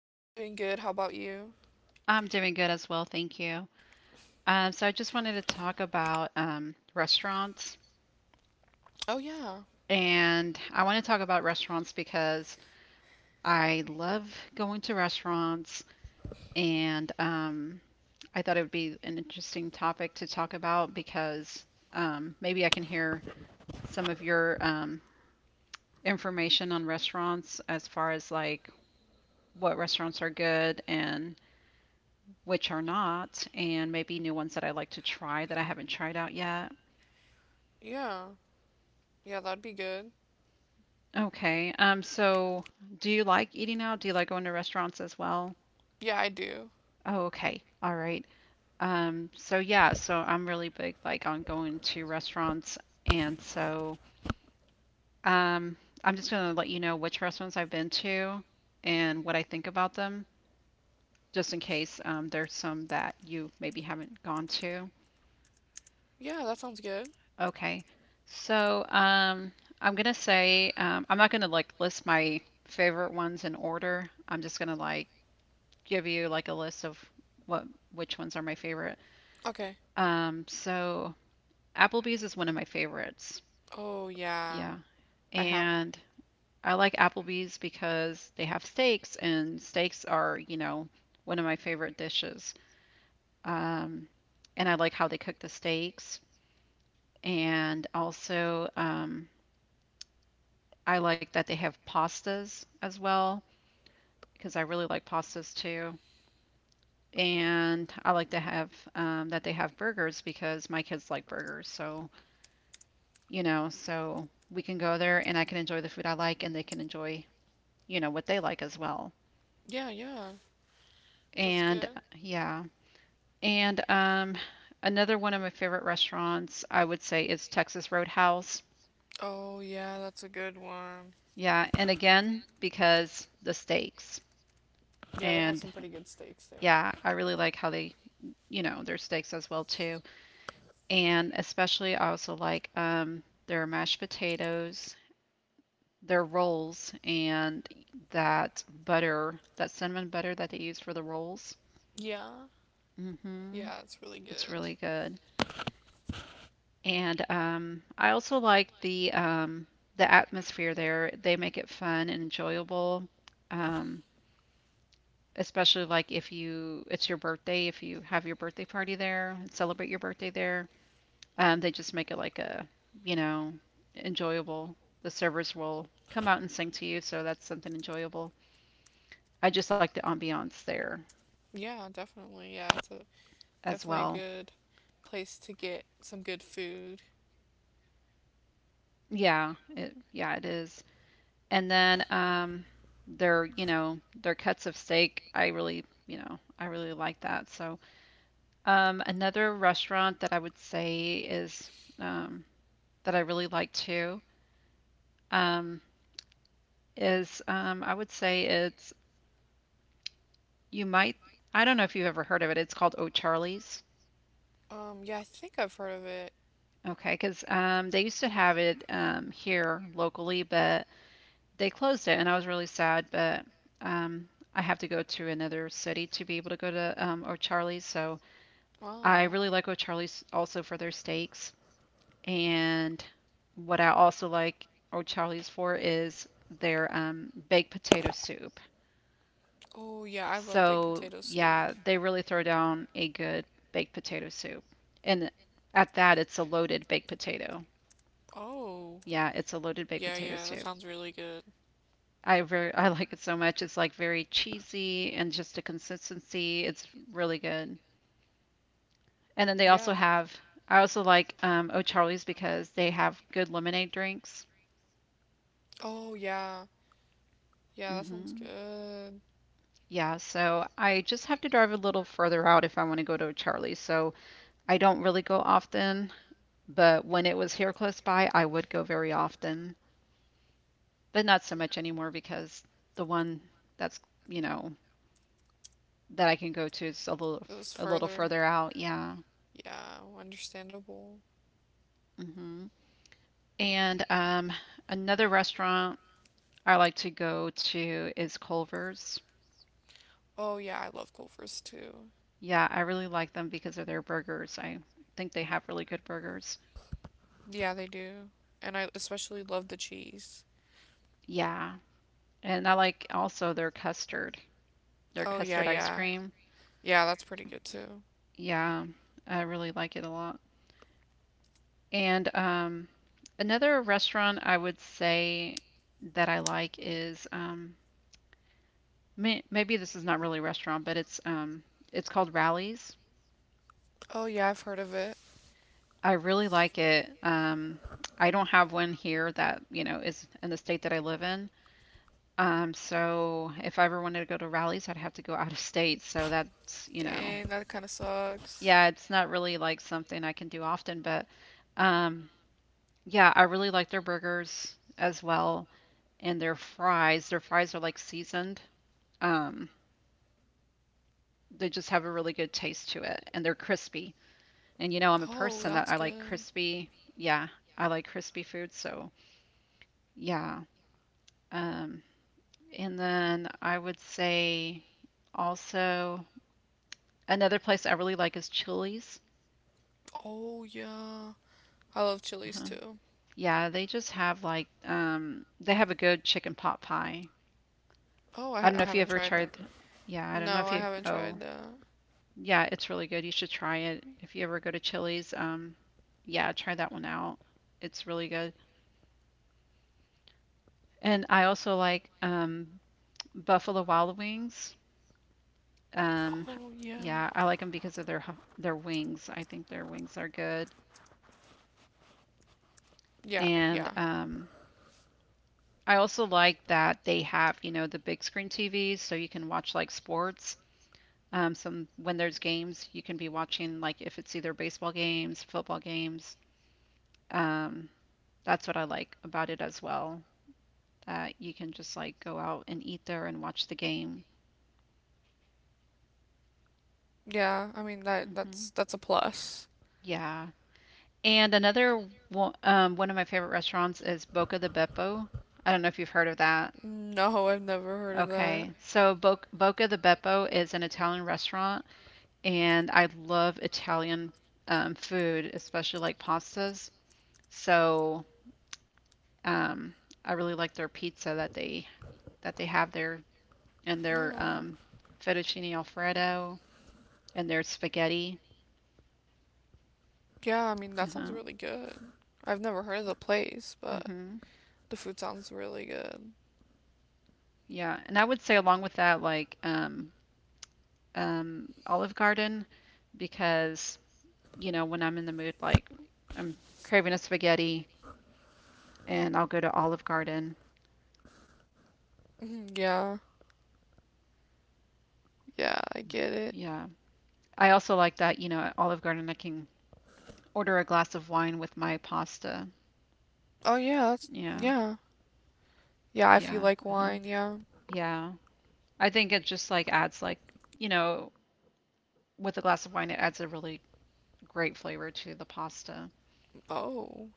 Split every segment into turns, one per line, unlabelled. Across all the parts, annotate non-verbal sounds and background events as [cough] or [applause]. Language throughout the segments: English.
Hi, I'm doing good. How about you?
I'm doing good as well, thank you. So I just wanted to talk about restaurants,
Oh, yeah.
and I want to talk about restaurants because I love going to restaurants, and I thought it would be an interesting topic to talk about because maybe I can hear some of your information on restaurants as far as like what restaurants are good and which are not, and maybe new ones that I like to try that I haven't tried out yet.
Yeah. Yeah, that'd be good.
Okay. So do you like eating out? Do you like going to restaurants as well?
Yeah, I do.
Oh, okay. All right. So yeah, so I'm really big like on going to restaurants and so um I'm just gonna let you know which restaurants I've been to and what I think about them, just in case there's some that you maybe haven't gone to.
Yeah, that sounds good.
Okay. So, I'm gonna say, I'm not gonna like list my favorite ones in order. I'm just gonna like give you like a list of what which ones are my favorite.
Okay.
So Applebee's is one of my favorites.
Oh, yeah.
Yeah.
I have.
And I like Applebee's because they have steaks and steaks are, you know, one of my favorite dishes. Um, and I like how they cook the steaks. And also, I like that they have pastas as well because I really like pastas too. And I like to have that they have burgers because my kids like burgers. So, you know, so we can go there and I can enjoy the food I like and they can enjoy, you know, what they like as well.
Yeah, yeah. That's
And
good.
yeah. And another one of my favorite restaurants, I would say, is Texas Roadhouse.
Oh, yeah, that's a good one.
Yeah. And again, because the steaks.
Yeah, they have
And
some pretty good steaks
yeah,
there.
I really like how they, you know, their steaks as well too. And especially, I also like their mashed potatoes, their rolls, and that butter, that cinnamon butter that they use for the rolls.
Yeah.
hmm
Yeah, it's really
It's
good.
really good. And I also like the atmosphere there. They make it fun and enjoyable. Um, especially like if you it's your birthday, if you have your birthday party there and celebrate your birthday there. They just make it like a, you know, enjoyable. The servers will come out and sing to you, so that's something enjoyable. I just like the ambiance there
Yeah, definitely. Yeah,
as
it's a
well.
definitely a good place to get some good food.
Yeah, it is. And then their, you know, their cuts of steak, I really, you know, I really like that. So, another restaurant that I would say is um that I really like too um is I would say it's You might. I don't know if you've ever heard of it. It's called O'Charlie's.
Yeah, I think I've heard of it.
Okay, because they used to have it here locally, but they closed it, and I was really sad. But um, I have to go to another city to be able to go to O'Charlie's. So I
Oh.
really like O'Charlie's also for their steaks. And what I also like O'Charlie's for is their baked potato soup.
Oh yeah, I love baked
So,
potato
yeah,
soup.
they really throw down a good baked potato soup. And at that, it's a loaded baked potato.
Oh.
Yeah, it's a loaded baked
Yeah,
potato
yeah, that
soup.
sounds really good.
I like it so much. It's like very cheesy and just a consistency. It's really good. And then they also
Yeah.
have, I also like O'Charlie's because they have good lemonade drinks.
Oh yeah. Yeah, that sounds
hmm
good.
Yeah, so I just have to drive a little further out if I want to go to O'Charlie's. So I don't really go often. But when it was here close by, I would go very often, but not so much anymore because the one that's, you know, that I can go to is
It was
a little
further.
further out. Yeah.
Yeah, understandable.
hmm And another restaurant I like to go to is Culver's.
Oh yeah, I love Culver's too.
Yeah, I really like them because of their burgers. I think they have really good burgers.
Yeah, they do. And I especially love the cheese.
Yeah. And I like also their
Oh yeah,
custard ice
yeah.
cream.
Yeah, that's pretty good too.
Yeah, I really like it a lot. And another restaurant I would say that I like is maybe this is not really a restaurant, but it's called Rallies.
Oh yeah, I've heard of it.
I really like it. I don't have one here that, you know, is in the state that I live in. So if I ever wanted to go to Rallies, I'd have to go out of state. So that's, you know,
Dang, that kind of sucks.
yeah, it's not really like something I can do often, but um, yeah, I really like their burgers as well and their fries. Their fries are like seasoned. Um, they just have a really good taste to it and they're crispy. And you know, I'm a person that I like
Oh, that's
crispy.
good.
Yeah, I like crispy food, so yeah. Um, and then I would say also another place I really like is Chili's.
Oh, yeah. I love chilies
uh
too.
Yeah, they just have like they have a good chicken pot pie. I don't
I
know if you
haven't
ever
tried the.
tried. Th- Yeah, I don't know
No,
if
I
you.
haven't
Oh,
tried that.
yeah, it's really good. You should try it if you ever go to Chili's. Yeah, try that one out. It's really good. And I also like Buffalo Wild Wings. Um,
Oh, yeah.
yeah, I like them because of their wings. I think their wings are good.
Yeah,
And
yeah.
I also like that they have, you know, the big screen TVs so you can watch like sports. Some when there's games, you can be watching like if it's either baseball games, football games. Um, that's what I like about it as well. That you can just like go out and eat there and watch the game.
Yeah, I mean that
hmm
that's that's a plus.
Yeah. And one of my favorite restaurants is Boca de Beppo. I don't know if you've heard of that.
No, I've never heard of that.
Okay, so Bo Boca di Beppo is an Italian restaurant, and I love Italian food, especially like pastas. So um, I really like their pizza that they have there, and their
No.
fettuccine alfredo and their spaghetti.
Yeah, I mean, that sounds
Uh-huh.
really good. I've never heard of the place, but
hmm
the food sounds really good.
Yeah, and I would say along with that, like Olive Garden. Because, you know, when I'm in the mood, like I'm craving a spaghetti and I'll go to Olive Garden.
Mhm. Yeah, yeah, I get it.
Yeah. I also like that, you know, at Olive Garden, I can order a glass of wine with my pasta.
Oh,
Yeah.
yeah. Yeah, if you
Yeah.
like
Uh-huh.
wine, yeah.
Yeah. I think it just like adds like, you know, with a glass of wine, it adds a really great flavor to the pasta.
Oh,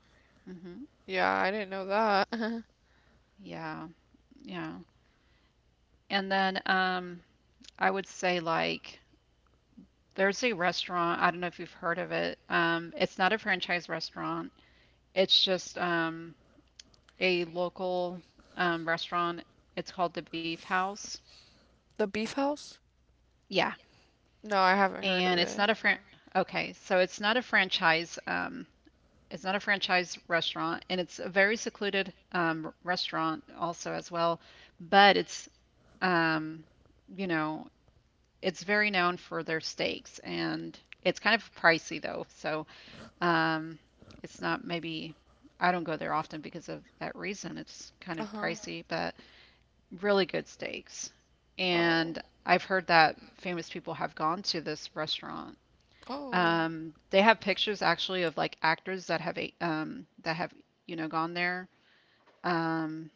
hmm
yeah, I didn't know that. [laughs]
Yeah. Yeah. And then I would say like there's a restaurant, I don't know if you've heard of it. It's not a franchise restaurant. It's just a local restaurant. It's called the Beef House.
The Beef House?
Yeah,
No, I haven't
and it's
heard of
not a fran.
it.
Okay, so it's not a franchise. It's not a franchise restaurant, and it's a very secluded restaurant also as well. But it's um, you know, it's very known for their steaks, and it's kind of pricey though. So um, it's not maybe I don't go there often because of that reason. It's kind of
Uh-huh.
pricey, but really good steaks.
Oh,
And I've heard that famous people have gone to this restaurant.
oh,
They have pictures actually of like actors that have you know gone there. Um,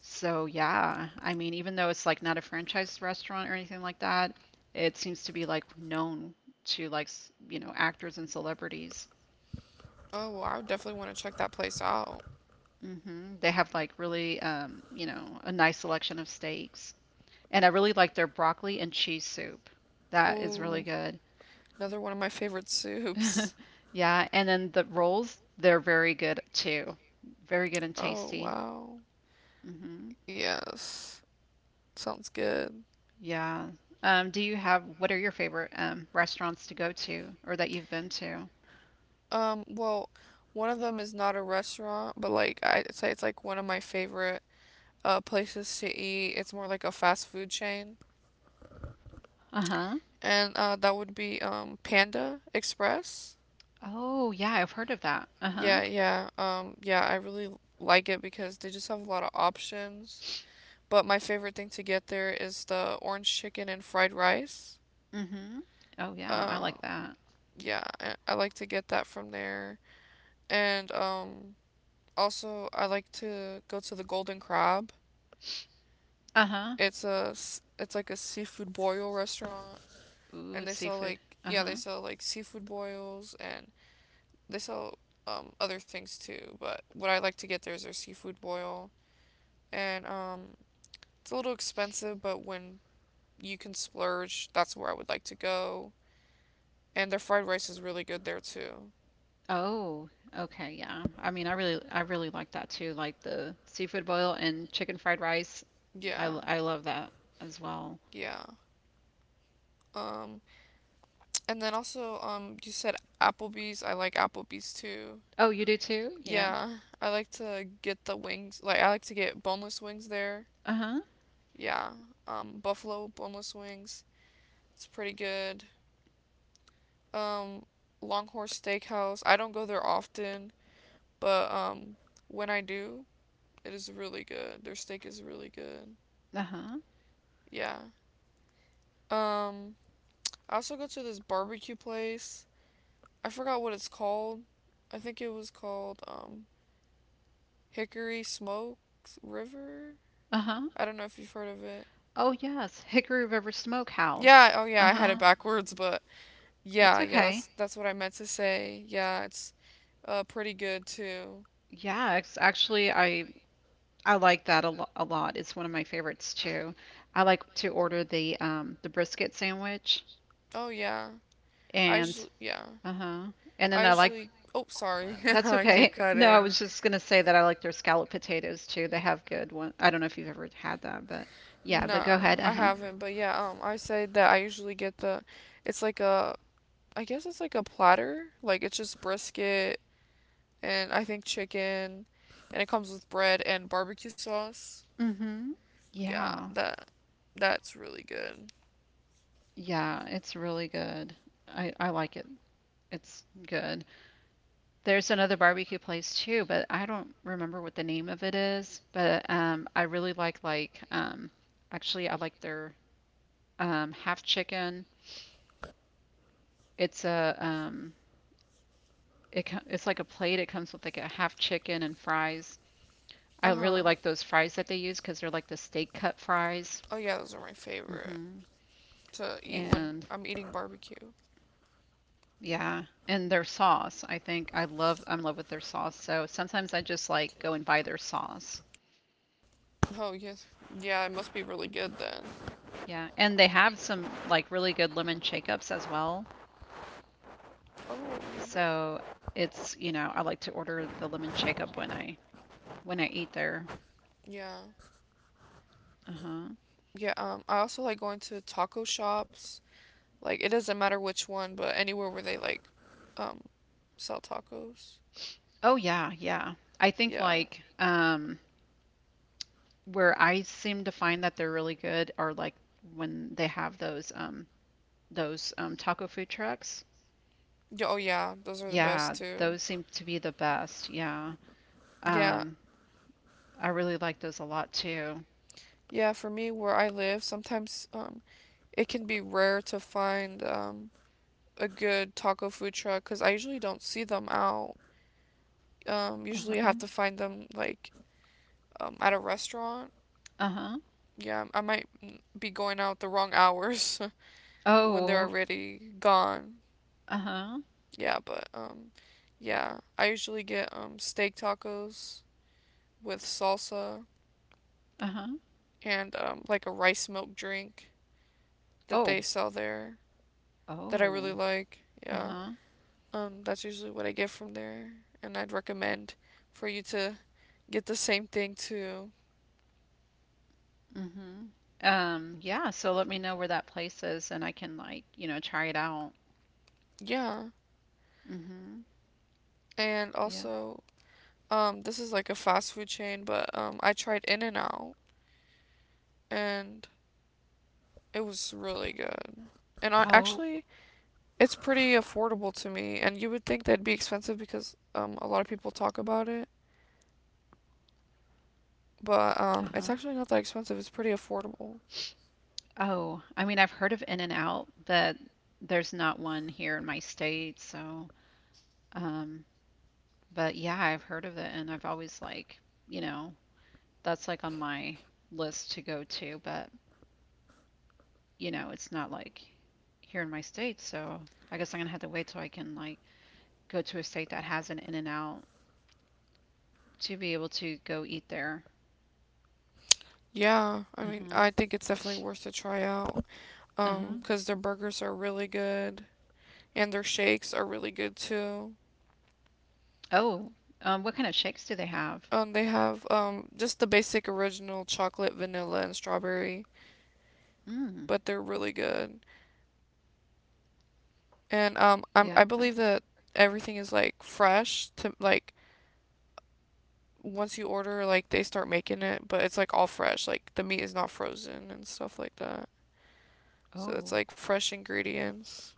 so yeah, I mean, even though it's like not a franchise restaurant or anything like that, it seems to be like known to like you know actors and celebrities.
oh, well, I would definitely want to check that place out.
They have like really you know a nice selection of steaks, and I really like their broccoli and cheese soup. That is really
Oh,
good.
another one of my favorite
[laughs]
soups.
Yeah, and then the rolls, they're very good too. Very good and
Oh,
tasty.
wow.
hmm
Yes, sounds good.
Yeah. Do you have, what are your favorite restaurants to go to or that you've been to?
Well, one of them is not a restaurant, but I'd say it's like one of my favorite places to eat. It's more like a fast food chain.
Uh-huh.
And that would be Panda Express.
Oh, yeah, I've heard of that. Uh-huh.
Yeah, yeah. Yeah, I really like it because they just have a lot of options. But my favorite thing to get there is the orange chicken and fried rice.
Mm-hmm. Oh, yeah, I
Um
like that.
yeah, I like to get that from there. And also I like to go to the Golden Crab.
Uh-huh.
It's like a seafood boil restaurant,
Ooh,
and they sell
seafood.
like, yeah, they
Uh-huh.
sell like seafood boils and they sell other things too. But what I like to get there is their seafood boil, and it's a little expensive, but when you can splurge, that's where I would like to go. And their fried rice is really good there too.
Oh, okay, yeah. I mean, I really like that too, like the seafood boil and chicken fried rice.
Yeah,
I love that as well.
yeah. Um, and then also, you said Applebee's. I like Applebee's too.
Oh, you do too?
Yeah, I like to get the wings. Like I like to get boneless wings there.
Uh-huh.
Yeah, Buffalo boneless wings. It's pretty good. Um, Longhorse Steakhouse. I don't go there often, but when I do, it is really good. Their steak is really good.
Uh-huh.
Yeah. Um, I also go to this barbecue place. I forgot what it's called. I think it was called Hickory Smokes River.
Uh-huh.
I don't know if you've heard of it.
Oh yes, Hickory River Smokehouse.
Yeah, oh yeah, I had it
Uh-huh.
backwards, but
That's
yeah,
okay.
that's what I meant to say. Yeah, it's pretty good too.
Yeah, it's actually I like that a lot. It's one of my favorites too. I like to order the brisket sandwich
Oh yeah. I
and
usually, yeah.
uh-huh. And then
I
I like
usually Oh sorry. [laughs]
that's
I keep
okay. [laughs] No, I
cutting.
was just gonna say that I like their scallop potatoes too. They have good one. I don't know if you've ever had that, but yeah, but go
No,
ahead.
I
Uh-huh.
haven't, but yeah, I say that I usually get the, it's like a I guess it's like a platter. Like it's just brisket and I think chicken, and it comes with bread and barbecue sauce.
Mm-hmm.
Yeah,
Yeah.
that's really good.
Yeah, it's really good. I like it. It's good. There's another barbecue place too, but I don't remember what the name of it is. But I really actually I like their half chicken. It's a it's like a plate. It comes with like a half chicken and fries. I
Uh
really
huh.
like those fries that they use because they're like the steak cut fries.
Oh yeah, those are my favorite
hmm
to eat when I'm
And
eating barbecue.
yeah, and their sauce. I think I'm in love with their sauce. So sometimes I just like go and buy their sauce.
Oh yes, yeah, it must be really good then.
Yeah, and they have some like really good lemon shake-ups as well.
Oh
So it's, you know, I like to order the lemon shake-up when I eat there.
yeah,
Uh-huh.
yeah. I also like going to taco shops. Like it doesn't matter which one, but anywhere where they um sell tacos.
Oh yeah, yeah. I think
Yeah.
like where I seem to find that they're really good are like when they have those taco food trucks.
Yeah, oh yeah, those are the best
Yeah,
too.
those seem to be the best. Yeah.
Yeah.
Um I really like those a lot too.
Yeah, for me where I live, sometimes it can be rare to find a good taco food truck 'cause I usually don't see them out. Um, usually I
Uh-huh.
have to find them like at a restaurant.
Uh-huh.
Yeah, I might be going out the wrong hours [laughs] when they're
Oh,
already gone.
uh-huh.
Yeah, but yeah, I usually get steak tacos with salsa
Uh-huh.
and like a rice milk drink that
Oh,
they sell there that I really
Oh,
like. Yeah.
uh-huh.
That's usually what I get from there, and I'd recommend for you to get the same thing too.
Mm-hmm. Yeah, so let me know where that place is and I can try it out.
Yeah.
Mm-hmm.
And
Yeah.
also, this is like a fast food chain, but I tried In and Out, and it was really good. And
Oh,
it's pretty affordable to me. And you would think that'd be expensive because a lot of people talk about it, but it's
uh-huh.
actually not that expensive. It's pretty affordable.
Oh, I mean, I've heard of In and Out, but there's not one here in my state, so um, but yeah, I've heard of it and I've always like, you know, that's like on my list to go to, but it's not like here in my state, so I guess I'm gonna have to wait till I can like go to a state that has an In and Out to be able to go eat there.
Yeah, I mean,
Uh-huh.
I think it's definitely worth to try out,
Uh-huh.
because their burgers are really good and their shakes are really good too.
Oh, what kind of shakes do they have?
They have just the basic original chocolate, vanilla, and strawberry,
Mm,
but they're really good. And
yeah.
I believe that everything is fresh. To like Once you order, like they start making it, but it's like all fresh. Like the meat is not frozen and stuff like that. So
Oh,
it's like fresh ingredients.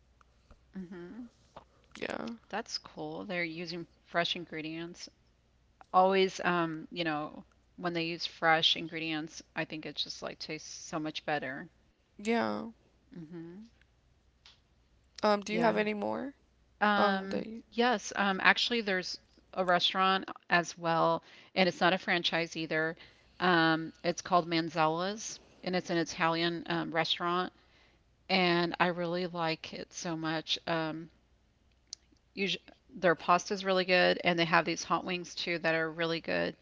mm-hmm.
Yeah,
That's cool. They're using fresh ingredients. Always, when they use fresh ingredients, I think it just like tastes so much better.
yeah.
Mm-hmm.
Do you have
Yeah.
any more? That you?
Yes, actually there's a restaurant as well, and it's not a franchise either. It's called Manzella's, and it's an Italian restaurant. And I really like it so much. Usually, their pasta is really good, and they have these hot wings too that are really good,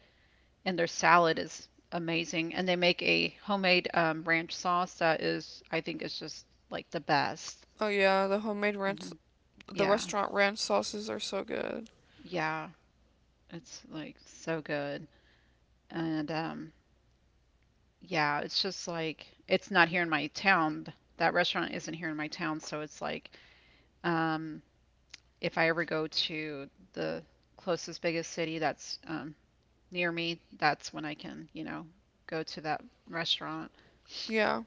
and their salad is amazing. And they make a homemade ranch sauce that , I think, is just like the best.
Oh yeah, the homemade ranch.
hmm
The
Yeah,
restaurant ranch sauces are so good.
yeah, it's like so good, and yeah, it's just like it's not here in my town. That restaurant isn't here in my town, so it's like. Um, if I ever go to the closest biggest city that's near me, that's when I can, go to that restaurant.
Yeah.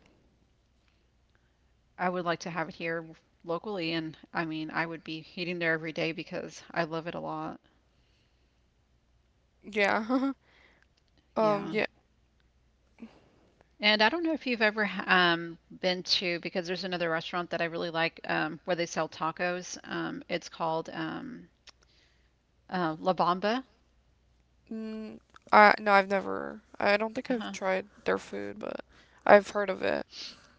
I would like to have it here locally, and I mean, I would be eating there every day because I love it a lot.
Yeah. [laughs] Um,
Yeah.
yeah.
And I don't know if you've ever been to, because there's another restaurant that I really like where they sell tacos. It's called La Bamba.
Mm, no, I've never. I don't think I've
Uh-huh.
tried their food, but I've heard of it.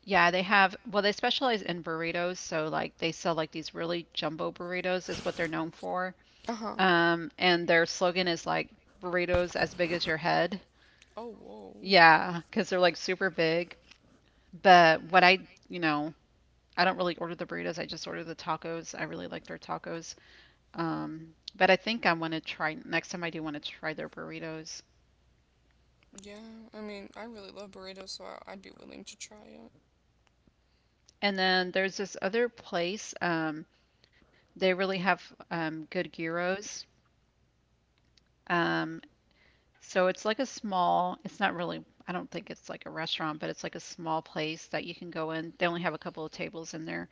Yeah, they have, well, they specialize in burritos, so like they sell like these really jumbo burritos is what they're known for.
Uh huh.
And their slogan is like burritos as big as your head.
Oh, whoa.
Yeah, because they're like super big. But what I, you know, I don't really order the burritos. I just order the tacos. I really like their tacos. But I think I want to try next time I do want to try their burritos.
Yeah. I mean, I really love burritos, so I'd be willing to try it.
And then there's this other place. They really have good gyros. Um, So it's like a small, it's not really, I don't think it's like a restaurant, but it's like a small place that you can go in. They only have a couple of tables in there,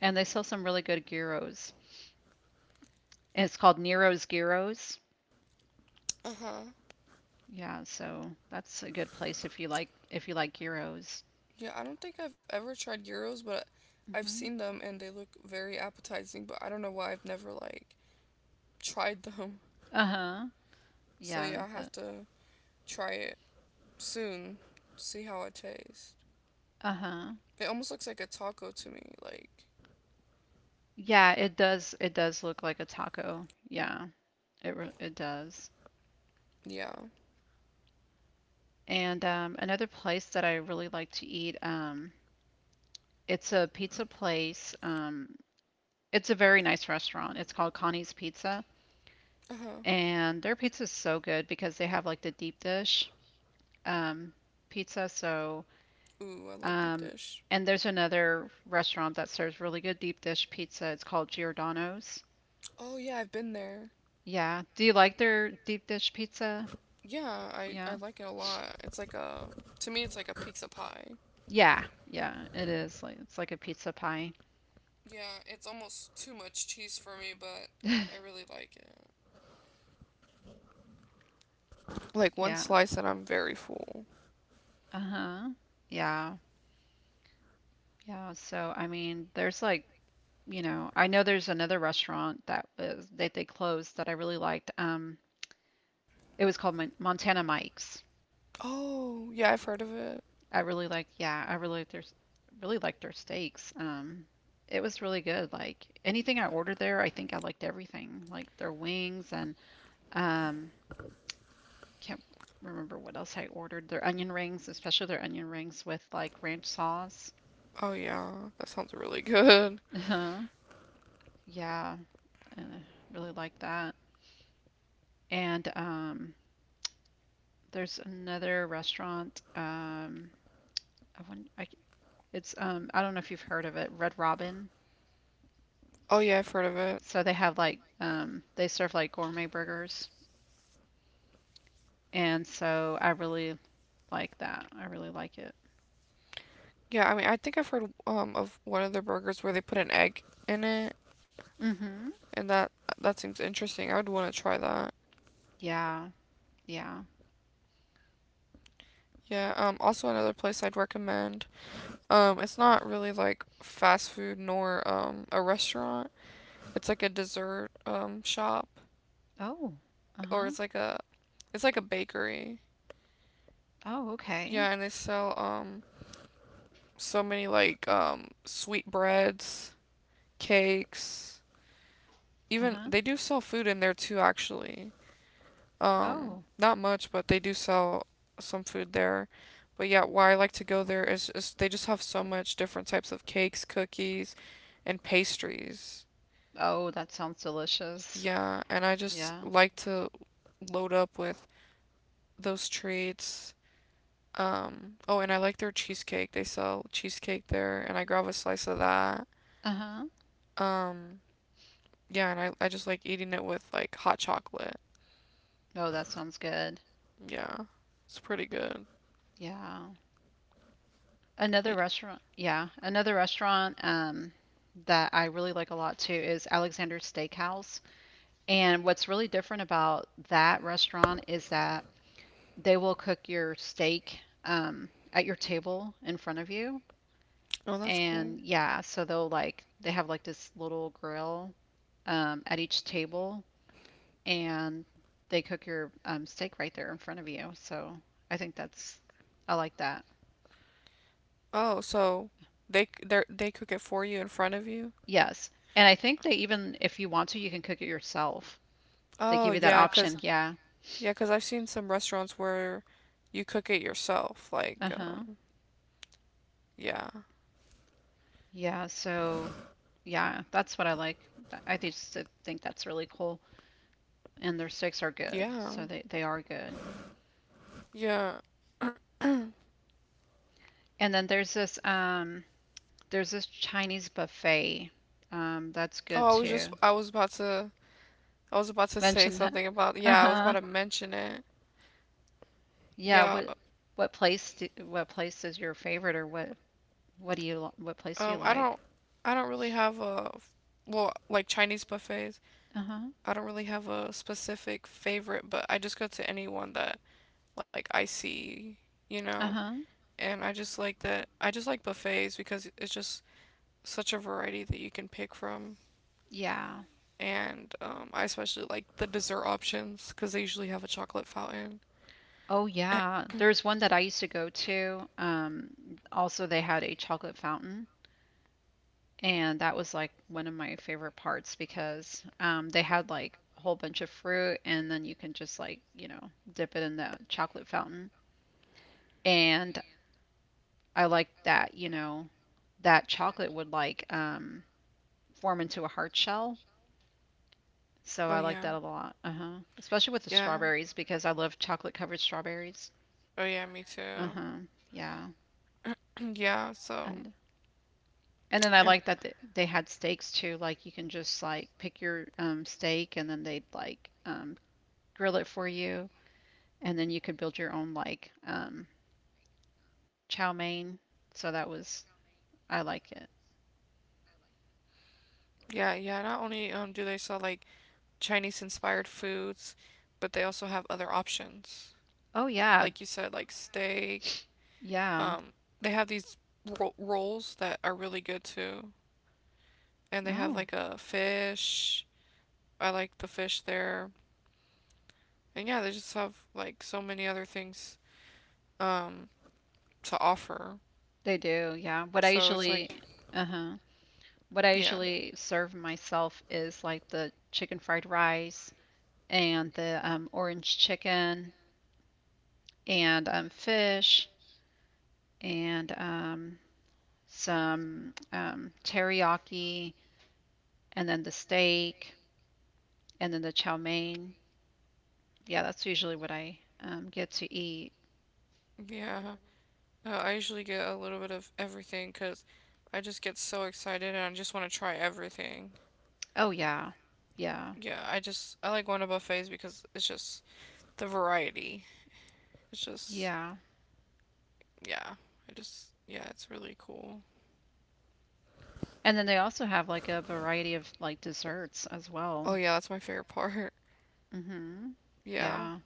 and they sell some really good gyros. And it's called Nero's Gyros.
Uh huh.
Yeah, so that's a good place if you like gyros.
Yeah, I don't think I've ever tried gyros, but I've
hmm
seen them and they look very appetizing, but I don't know why I've never, like, tried them.
Uh-huh.
So
Yeah,
yeah, I
but
have to try it soon, see how it tastes.
uh-huh.
It almost looks like a taco to me. Like,
Yeah, it does look like a taco. Yeah, it does.
yeah.
And another place that I really like to eat, it's a pizza place. It's a very nice restaurant. It's called Connie's Pizza,
Uh huh.
and their pizza is so good because they have like the deep dish um, pizza. So,
Ooh, I like deep
um,
dish.
and there's another restaurant that serves really good deep dish pizza. It's called Giordano's.
Oh yeah, I've been there.
Yeah. Do you like their deep dish pizza?
Yeah, I
Yeah.
like it a lot. It's like a To me, it's like a pizza pie.
Yeah. Yeah. It is like it's like a pizza pie.
Yeah, it's almost too much cheese for me, but I
[laughs]
really like it. Like one
Yeah.
slice and I'm very full.
Uh-huh. Yeah. Yeah. So, I mean, there's like I know there's another restaurant that they closed that I really liked. It was called Montana Mike's.
Oh yeah, I've heard of it.
I really liked their steaks. It was really good. Like anything I ordered there, I think I liked everything, like their wings and um, can't remember what else I ordered. Their onion rings, especially their onion rings with like ranch sauce.
Oh yeah, that sounds really good.
Uh-huh. Yeah, uh, really like that. And there's another restaurant. I wonder, I, c- it's I don't know if you've heard of it, Red Robin.
Oh yeah, I've heard of it.
So they have like they serve like gourmet burgers, and so I really like that. I really like it.
Yeah, I mean, I think I've heard of one of their burgers where they put an egg in it,
Mm-hmm.
and that seems interesting. I would want to try that.
Yeah. Yeah.
Yeah, um, also another place I'd recommend. Um, it's not really like fast food nor a restaurant. It's like a dessert shop,
Oh.
or
Uh-huh.
it's like a bakery.
Oh, okay.
Yeah, and they sell so many like sweet breads, cakes.
Uh-huh.
Even they do sell food in there too actually.
Oh.
Not much, but they do sell some food there. But yeah, why I like to go there is just they just have so much different types of cakes, cookies, and pastries.
Oh, that sounds delicious.
Yeah, and I just
Yeah.
like to load up with those treats. Oh, and I like their cheesecake. They sell cheesecake there, and I grab a slice of that.
Uh-huh.
Um, yeah, and I just like eating it with like hot chocolate.
Oh, that sounds good.
Yeah, it's pretty good.
Yeah.
Eh,
Another restaurant that I really like a lot too is Alexander's Steakhouse. And what's really different about that restaurant is that they will cook your steak at your table in front of you.
Oh, that's cool.
And yeah, so they'll like, they have like this little grill at each table and they cook your steak right there in front of you. So I think that's, I like that.
Oh, so they cook it for you in front of you?
Yes. And I think they even, if you want to, you can cook it yourself. They
Oh,
give you that option. Yeah.
yeah, 'cause I've seen some restaurants where you cook it yourself. Like,
Uh-huh.
yeah.
Yeah, so yeah, that's what I like. I just think that's really cool. And their steaks are good.
Yeah.
So they are good.
Yeah.
And then there's this Chinese buffet. That's good
Oh,
too.
I was about to, say
Mention that.
something about, yeah, I was about
Uh-huh.
to mention it.
Yeah,
Yeah.
what place is your favorite, or what place do you
Um, I
like?
don't, I don't really have a, well, like Chinese buffets.
Uh-huh.
I don't really have a specific favorite, but I just go to anyone that like I see, you know.
Uh-huh.
And I just like that. I just like buffets because it's just such a variety that you can pick from.
Yeah.
And I especially like the dessert options because they usually have a chocolate fountain.
Oh yeah. There's one that I used to go to. Also they had a chocolate fountain. And that was like one of my favorite parts because they had like a whole bunch of fruit, and then you can just dip it in the chocolate fountain. And I like that, that chocolate would like form into a heart shell. So
Oh
I like
yeah,
that a lot. Uh-huh. Especially with the
yeah.
strawberries because I love chocolate covered strawberries.
Oh yeah, me too.
Uh-huh. Yeah.
[clears throat] Yeah, so.
And and then I
And-
like that they had steaks too. Like you can just like pick your steak and then they'd like grill it for you and then you could build your own like chow mein. So that was I like it.
Yeah, yeah. Not only do they sell like Chinese inspired foods, but they also have other options. Like you
Oh
said,
yeah,
like steak. Um,
yeah.
they have these rolls that are really good too, and they have like
Oh,
a fish. I like the fish there, and yeah, they just have like so many other things um to offer.
they do. Yeah. What I
So it's like,
usually, uh-huh. What I
yeah.
usually serve myself is like the chicken fried rice and the orange chicken and fish and some teriyaki and then the steak and then the chow mein. Yeah, that's usually what I get to eat.
Yeah. I usually get a little bit of everything because I just get so excited and I just want to try everything.
Oh yeah. Yeah.
Yeah, I just, I like going to buffets because it's just the variety. It's just,
Yeah.
yeah, I just yeah, it's really cool.
And then they also have like a variety of like desserts as
Oh
well.
yeah, that's my favorite part. [laughs]
Mhm.
Yeah.
Yeah.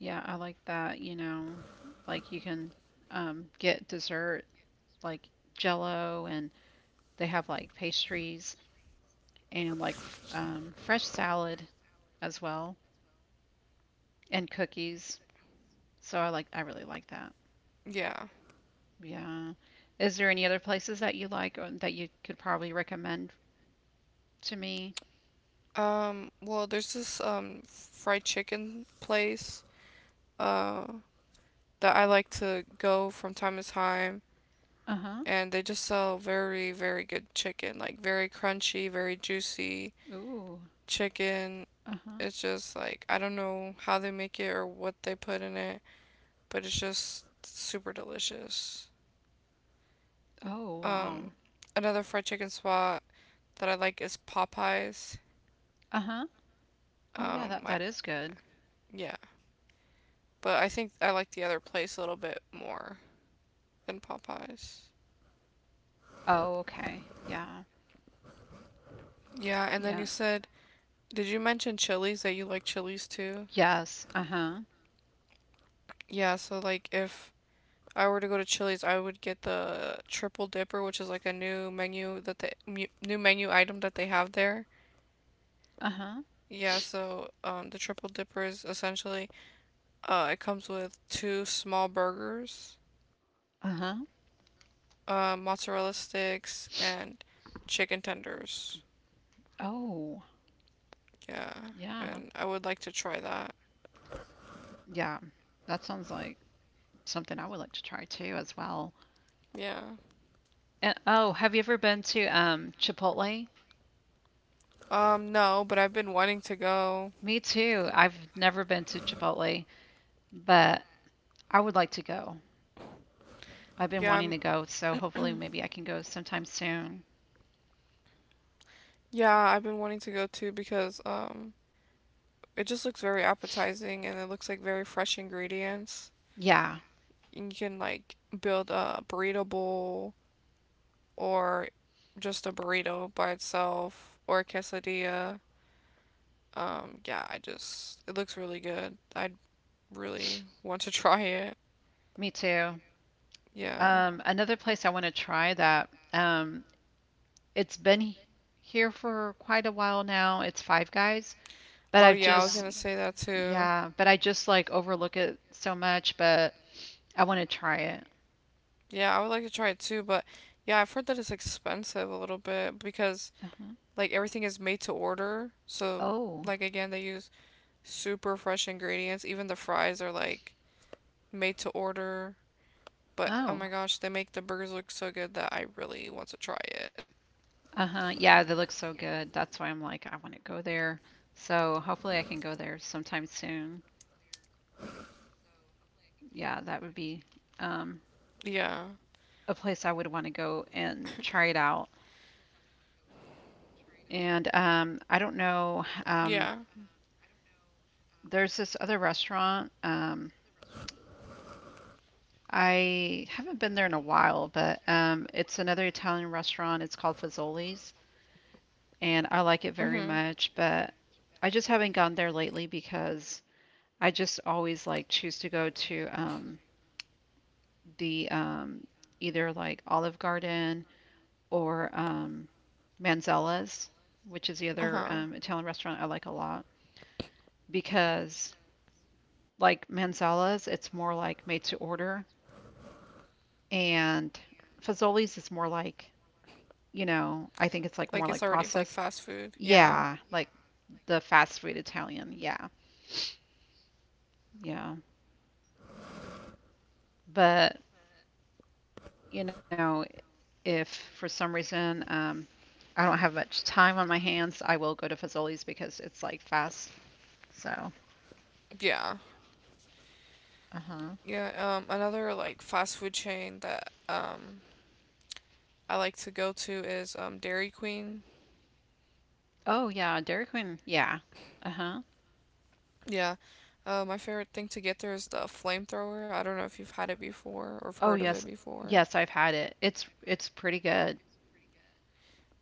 Yeah, I like that, you know. Like you can get dessert like jello and they have like pastries and like f fresh salad as well and cookies. So I really like that.
Yeah.
Yeah. Is there any other places that you like or that you could probably recommend to me?
Well, there's this fried chicken place uh that I like to go from time to time,
Uh-huh.
and they just sell very very good chicken, like very crunchy, very juicy
Ooh.
chicken.
Uh-huh.
It's just like I don't know how they make it or what they put in it, but it's just super delicious.
Oh, wow.
um Another fried chicken spot that I like is Popeyes.
Uh-huh. Oh, yeah,
um
that
I,
that is good.
yeah, but I think I like the other place a little bit more than Popeyes.
Oh, okay. Yeah.
Yeah, and then
Yeah.
you said, did you mention Chili's, that you like Chili's too?
Yes. Uh-huh.
Yeah, so like if I were to go to Chili's, I would get the triple dipper, which is like a new menu item that they have there.
Uh-huh.
Yeah, so the triple dipper is essentially it comes with two small burgers,
Uh-huh.
mozzarella sticks, and chicken tenders.
Oh,
Yeah,
yeah.
and I would like to try that.
Yeah. That sounds like something I would like to try too as well.
Yeah.
And oh, have you ever been to Chipotle?
No, but I've been wanting to go.
Me too. I've never been to Chipotle, but I would like to go. I've been
Yeah,
wanting
I'm-
to go, so hopefully maybe I can go sometime soon.
yeah, I've been wanting to go too because it just looks very appetizing and it looks like very fresh ingredients.
Yeah,
And you can like build a burrito bowl, or just a burrito by itself, or a quesadilla. Yeah, I just it looks really good. I would really want to [laughs] try it.
me too.
Yeah.
Another place I want to try that It's been here for quite a while now. It's Five Guys, but
Oh
I've Oh
yeah, I was
just,
gonna
that.
say that too.
Yeah, but I just like overlook it so much, but I want to try it.
Yeah, I would like to try it too, but yeah, I've heard that it's expensive a little bit because
Uh-huh.
like everything is made to order. So
Oh,
like again, they use super fresh ingredients. Even the fries are like made to order. But oh
oh.
my
Oh
gosh, they make the burgers look so good that I really want to try it.
make them. Uh-huh. Yeah, they look so good. That's why I'm like, I want to go there. So hopefully I can go there sometime soon. Yeah, that would be
Yeah.
um, a place I would want to go and try it out. And I don't
Yeah.
know. There's this other restaurant. I haven't been there in a while, but it's another Italian restaurant. It's called Fazoli's, and I like it
Mhm.
very much. But I just haven't gone there lately because I just always like choose to go to the either like Olive Garden or Manzella's, which is the other
Uh-huh.
Italian restaurant I like a lot because like Manzella's, it's more like made to order, and Fazoli's is more like I think it's like
Like
more
it's
like
already like
processed.
fast food. Yeah.
Yeah, like the fast food Italian. Yeah, yeah. But, you know, if for some reason I don't have much time on my hands, I will go to Fazoli's because it's like fast. So,
Yeah.
uh-huh.
Yeah, another like fast food chain that I like to go to is Dairy Queen.
Oh yeah, Dairy Queen. Yeah. Uh-huh.
Yeah. My favorite thing to get there is the flamethrower. I don't know if you've had it before or have
Oh
heard of
yes.
it before.
Yes, I've had it. It's pretty good.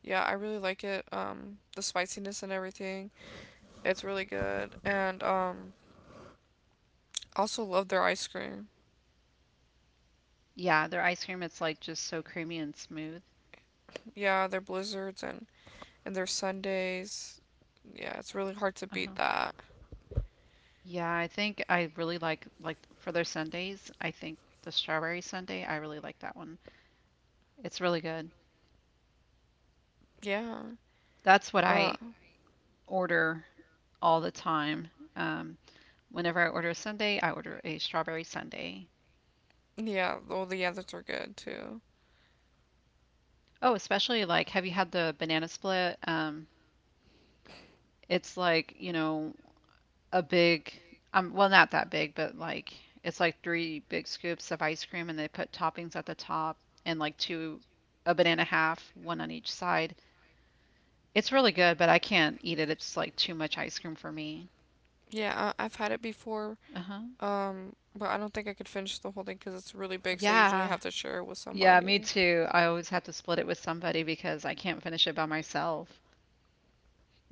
Yeah, I really like it. The spiciness and everything. It's really good. And also love their ice cream.
Yeah, their ice cream, it's like just so creamy and smooth.
Yeah, their blizzards and their sundaes. Yeah, it's really hard to beat
Uh-huh.
that.
Yeah, I think I really like for their sundaes. I think the strawberry sundae, I really like that one. It's really good.
Yeah.
That's what
Uh,
I order all the time. Um, Whenever I order a sundae, I order a strawberry sundae.
yeah. Well, the others are good too.
Oh, especially like, have you had the banana split? It's like, a big, well, not that big, but like it's like three big scoops of ice cream, and they put toppings at the top and like two, a banana half, one on each side. It's really good, but I can't eat it. It's like too much ice cream for me.
Yeah, I've had it before.
Uh-huh.
But I don't think I could finish the whole thing because it's really big. So I usually
Yeah.
have to share it with
Yeah, me
somebody.
too. I always have to split it with somebody because I can't finish it by myself.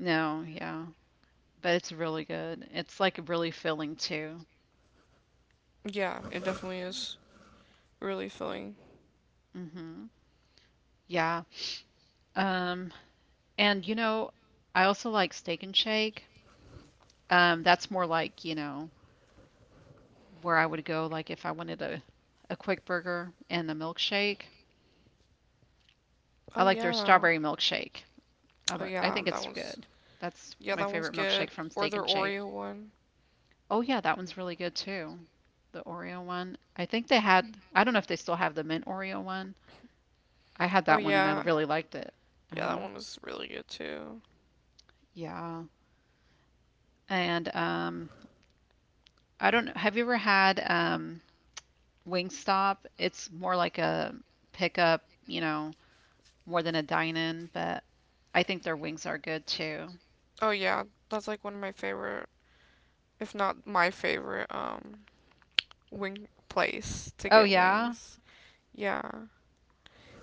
No, yeah. But it's really good. It's like really filling too.
Yeah, it definitely is really filling.
Hmm. Yeah. Um, and I also like Steak and Shake. That's more like, where I would go like if I wanted a quick burger and a milkshake. I
Oh
like their
yeah.
strawberry milkshake. I,
Oh
li- I
yeah.
think it's good. That's my
That one's
favorite
good.
milkshake from
Or
Steak
their
and Shake.
Oreo one.
Oh yeah, that one's really good too. The Oreo one. I think they had, I don't know if they still have the mint Oreo one. I had
Oh
that one and I
yeah,
really liked it.
yeah, that
Uh-huh.
one was really good too.
Yeah. And I don't know, have you ever had Wingstop? It's more like a pickup, more than a dine-in, but I think their wings are good too.
Oh yeah, that's like one of my favorite, if not my favorite, wing place to
Oh
get
yeah.
wings. Yeah,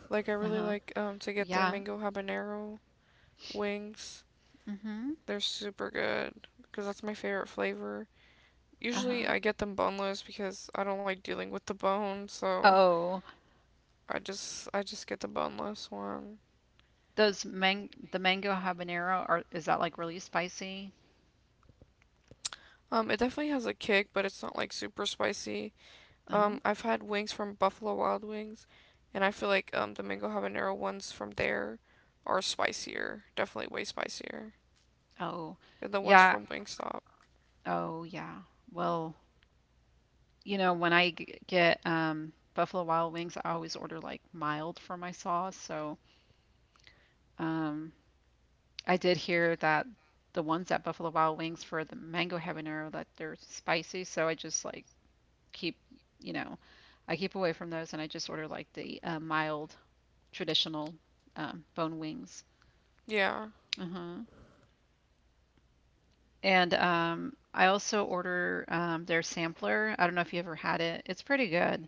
like I
Uh-huh.
really like to get
Yeah.
their mango habanero wings.
Mm-hmm.
They're super good because that's my favorite flavor. Usually
Uh-huh.
I get them boneless because I don't like dealing with the bone, so
Oh,
I just get the boneless one.
Those mang the mango habanero are is that like really spicy?
It definitely has a kick, but it's not like super spicy.
Uh-huh.
I've had wings from Buffalo Wild Wings, and I feel like the mango habanero ones from there are spicier, definitely way spicier
Oh,
than the ones
yeah.
from Wingstop.
Oh, yeah. Well, when I get Buffalo Wild Wings, I always order like mild for my sauce. So, um I did hear that the ones at Buffalo Wild Wings for the mango habanero that they're spicy, so I just like keep, you know, keep away from those and I just order like the mild traditional bone wings.
Yeah.
And I also order their sampler. I don't know if you ever had it. It's pretty good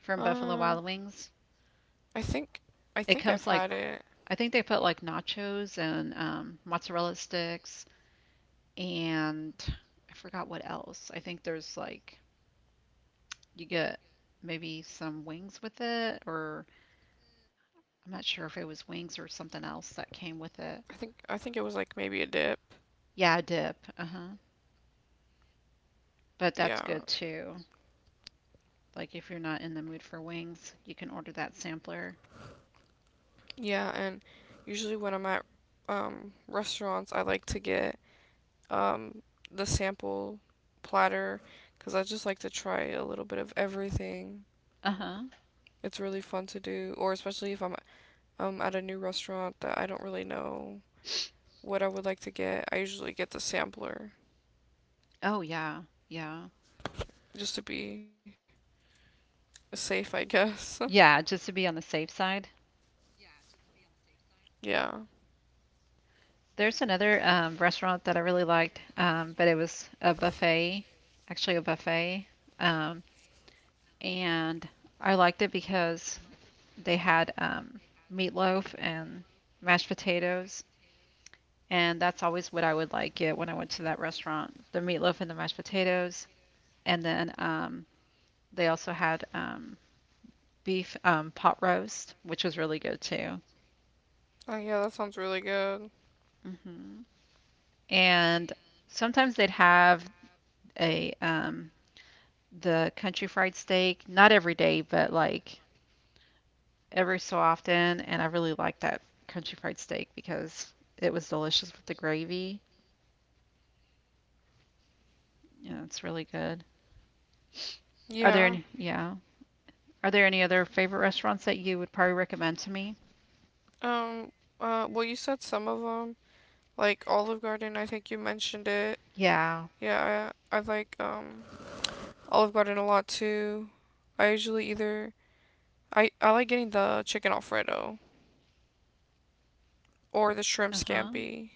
from Buffalo
Uh,
Wild Wings.
I think I
It
think I've
comes like
had it.
I think they put like nachos and mozzarella sticks, and I forgot what else. I think there's like you get maybe some wings with it, or I'm not sure if it was wings or something else that
I
came
think
with
I
it.
think it was like maybe a dip.
Yeah, a dip. Uh-huh. But
Yeah.
that's good too. Like if you're not in the mood for wings, you can order that sampler.
Yeah, and usually when I'm at restaurants, I like to get um the sample platter because I just like to try a little bit of everything.
Uh-huh.
It's really fun to do, or especially if I'm at a new restaurant that I don't really know what I would like to get. I usually get the sampler
Oh, yeah. Yeah.
just to be safe, I guess.
Yeah, just to be on the safe side.
[laughs] Yeah.
There's another restaurant that I really liked, but it was a buffet, actually a buffet. Um, and I liked it because they had meatloaf and mashed potatoes. And that's always what I would like it when I went to that restaurant, the meatloaf and the mashed potatoes. And then they also had beef pot roast, which was really good too.
Oh yeah, that sounds really good.
Hmm. And sometimes they'd have a the country fried steak, not every day, but like every so often. And I really liked that country fried steak because it was delicious with the gravy. Yeah, it's really good. Are there
Yeah.
any, yeah, are there any other favorite restaurants that you would probably recommend to me?
Um. Well, you said some of them, like Olive Garden. I think you mentioned it.
Yeah.
Yeah. I like Olive Garden a lot too. I usually either I like getting the chicken alfredo or the shrimp
Uh-huh.
scampi,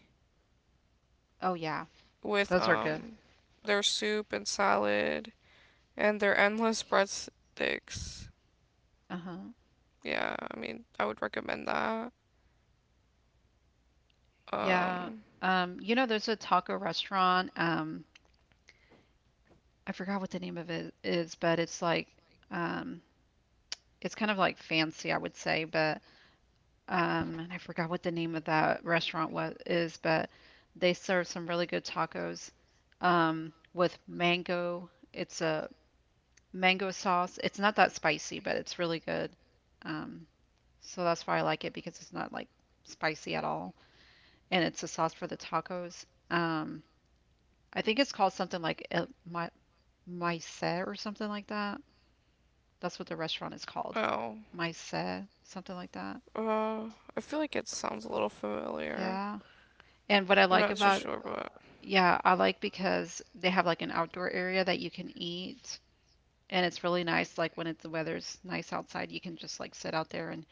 Oh yeah,
with
those are good.
their soup and salad and their endless breadsticks.
Uh-huh.
Yeah, I mean, I would recommend that.
Yeah.
Um,
There's a taco restaurant. I forgot what the name of it is, but it's like um it's kind of like fancy, I would say, but and I forgot what the name of that restaurant was is, but they serve some really good tacos with mango. It's a mango sauce. It's not that spicy, but it's really good. Um, so that's why I like it because it's not like spicy at all, and it's a sauce for the tacos. Um, I think it's called something like El Maise or something like that. That's what the restaurant is called.
oh,
Maise, something like that.
uh, I feel like it sounds a little familiar.
Yeah. And what I
I'm
like
not too
about
sure, but
yeah, I like because they have like an outdoor area that you can eat, and it's really nice. Like when it's the weather's nice outside, you can just like sit out there and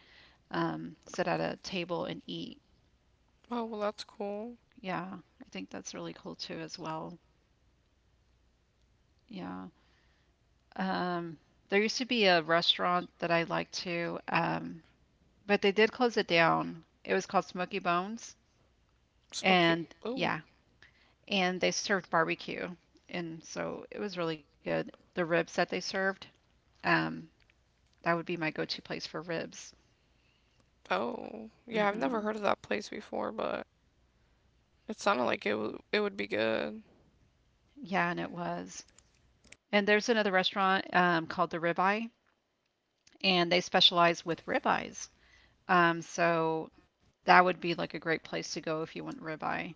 sit at a table and eat.
oh well, that's cool.
Yeah, I think that's really cool too as well. Yeah. Um, there used to be a restaurant that I liked to, but they did close it down. It was called Smoky Bones,
Smoky.
and
Oh.
yeah, and they served barbecue, and so it was really good. The ribs that they served. Um, that would be my go-to place for ribs.
Oh, yeah, I've
Hmm.
never heard of that place before, but it sounded like it would be good.
Yeah, and it was. And there's another restaurant called the Ribeye, and they specialize with ribeyes. So that would be like a great place to go if you want ribeye.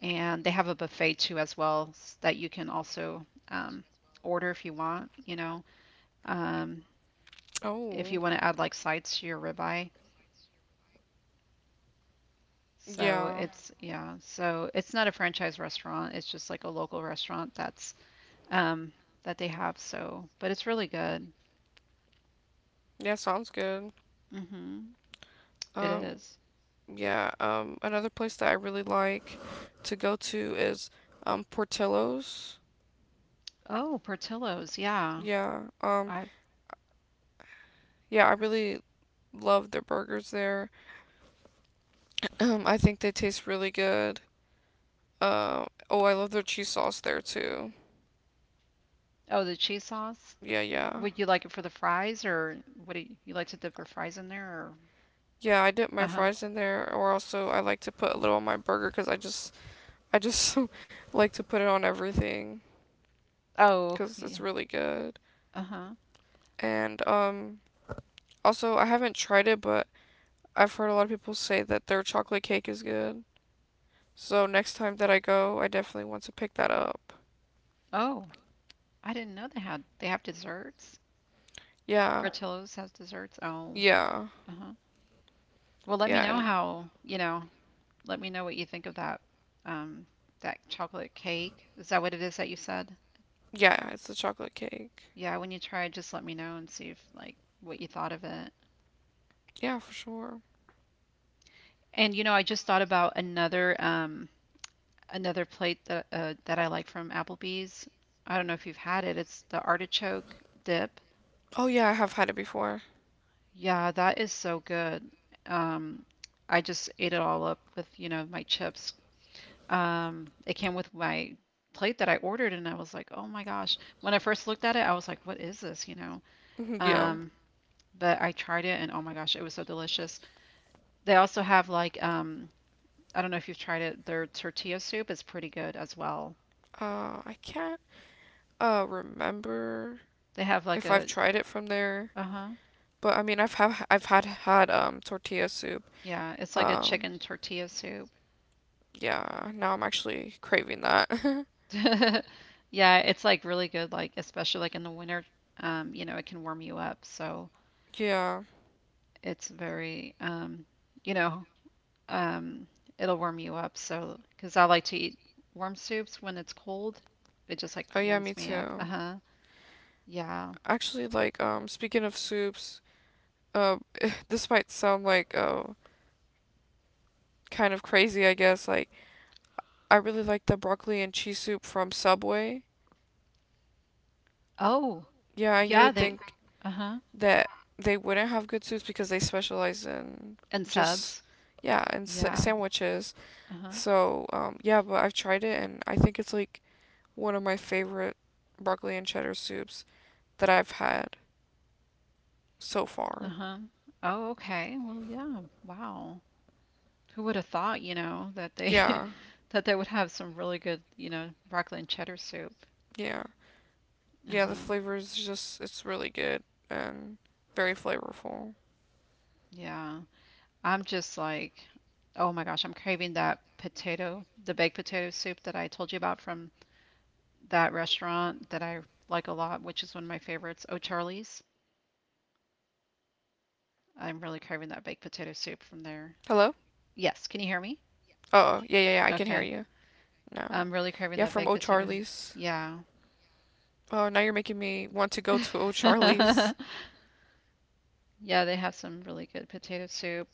And they have a buffet too as well that you can also order if you want, um,
Oh,
to add like sides to your ribeye. So
yeah,
it's yeah, so it's not a franchise restaurant. It's just like a local restaurant um, that they have. So, but it's really good.
yeah, sounds good.
Hmm. It
Um,
is.
Yeah, another place that I really like to go to is Portillo's.
Oh, Portillo's. Yeah.
Yeah,
I've.
yeah, I really love their burgers there. [clears throat] I think they taste really good. Oh, I love their cheese sauce there too.
Oh, the cheese sauce.
Yeah, yeah.
Would you like it for the fries, or what do you like to dip your fries in there? Or
Yeah, I dip
uh
my
huh.
fries in there, or also I like to put a little on my burger because I just [laughs] like to put it on everything
Oh,
because
yeah.
it's really good.
Uh huh.
And also I haven't tried it, but I've heard a lot of people say that their chocolate cake is good. So next time that I go, I definitely want to pick that up.
Oh, I didn't know they had. They have desserts.
Yeah.
Portillo's has desserts. Oh,
Yeah.
uh huh. Well, let me
Yeah,
know
and
how. Let me know what you think of that. Um, that chocolate cake. Is that what it is that you said?
yeah, it's the chocolate cake.
Yeah, when you try, just let me know and see if like what you thought of it.
Yeah, for sure.
And I just thought about another plate that I like from Applebee's. I don't know if you've had it. It's the artichoke dip.
Oh yeah, I have had it before.
Yeah, that is so good. Um, I just ate it all up with my chips. It came with my plate that I ordered, and I was like, oh my gosh. When I first looked at it, I was like, what is this, you know?
[laughs] Yeah.
Um, but I tried it, and oh my gosh, it was so delicious. They also have like I don't know if you've tried it. Their tortilla soup is pretty good as well.
I can't remember
They have like
if I've
a,
tried it from there,
uh-huh.
but I mean, I've had tortilla soup.
Yeah, it's like a
Um,
chicken tortilla soup.
yeah, now I'm actually craving that. [laughs]
[laughs] Yeah, it's like really good, like especially like in the winter, it can warm you up. So
Yeah.
it's very, you know, um, it'll warm you up. So, because I like to eat warm soups when it's cold, it just like
Oh yeah, me
warms me up.
too.
Uh-huh. Yeah.
Actually, like, speaking of soups, uh, [laughs] this might sound like, kind of crazy, I guess. Like, I really like the broccoli and cheese soup from Subway.
Oh,
Yeah, and you
yeah,
would
they,
think
uh-huh.
that they wouldn't have good soups because they specialize in
And
just,
subs.
yeah, and
Yeah.
sandwiches.
Uh-huh.
So, yeah, but I've tried it and I think it's like one of my favorite broccoli and cheddar soups that I've had so far.
Uh-huh. Oh, okay. Well, yeah. Wow. Who would have thought that they [laughs] Mm.
Yeah,
that they would have some really good broccoli and cheddar soup.
yeah. Yeah, the
Uh-huh.
flavor is just it's really good and very flavorful.
Yeah. I'm just like, oh my gosh, I'm craving that potato, the baked potato soup that I told you about from that restaurant that I like a lot, which is one of my favorites, O'Charlie's. I'm really craving that baked potato soup from there.
Hello?
Yes, can you hear me?
Oh, yeah, yeah, yeah, I can
Okay.
hear you
I'm
now.
really craving that
Yeah,
baked
from
potato.
O'Charlie's.
Yeah.
Oh, now you're making me want to go to
[laughs]
O'Charlie's.
Yeah, they have some really good potato soup.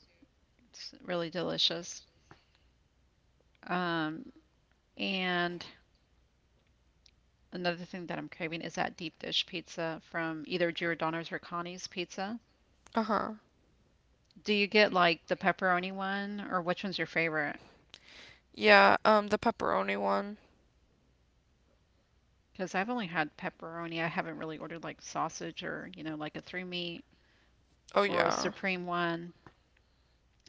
It's really delicious. Um, and another thing that I'm craving is that deep dish pizza from either Giordano's or Connie's Pizza.
Uh-huh.
Do you get like the pepperoni one, or which one's your favorite?
Yeah, the pepperoni one.
Because I've only had pepperoni. I haven't really ordered like sausage or, like a three meat
Oh
or a
yeah.
supreme one.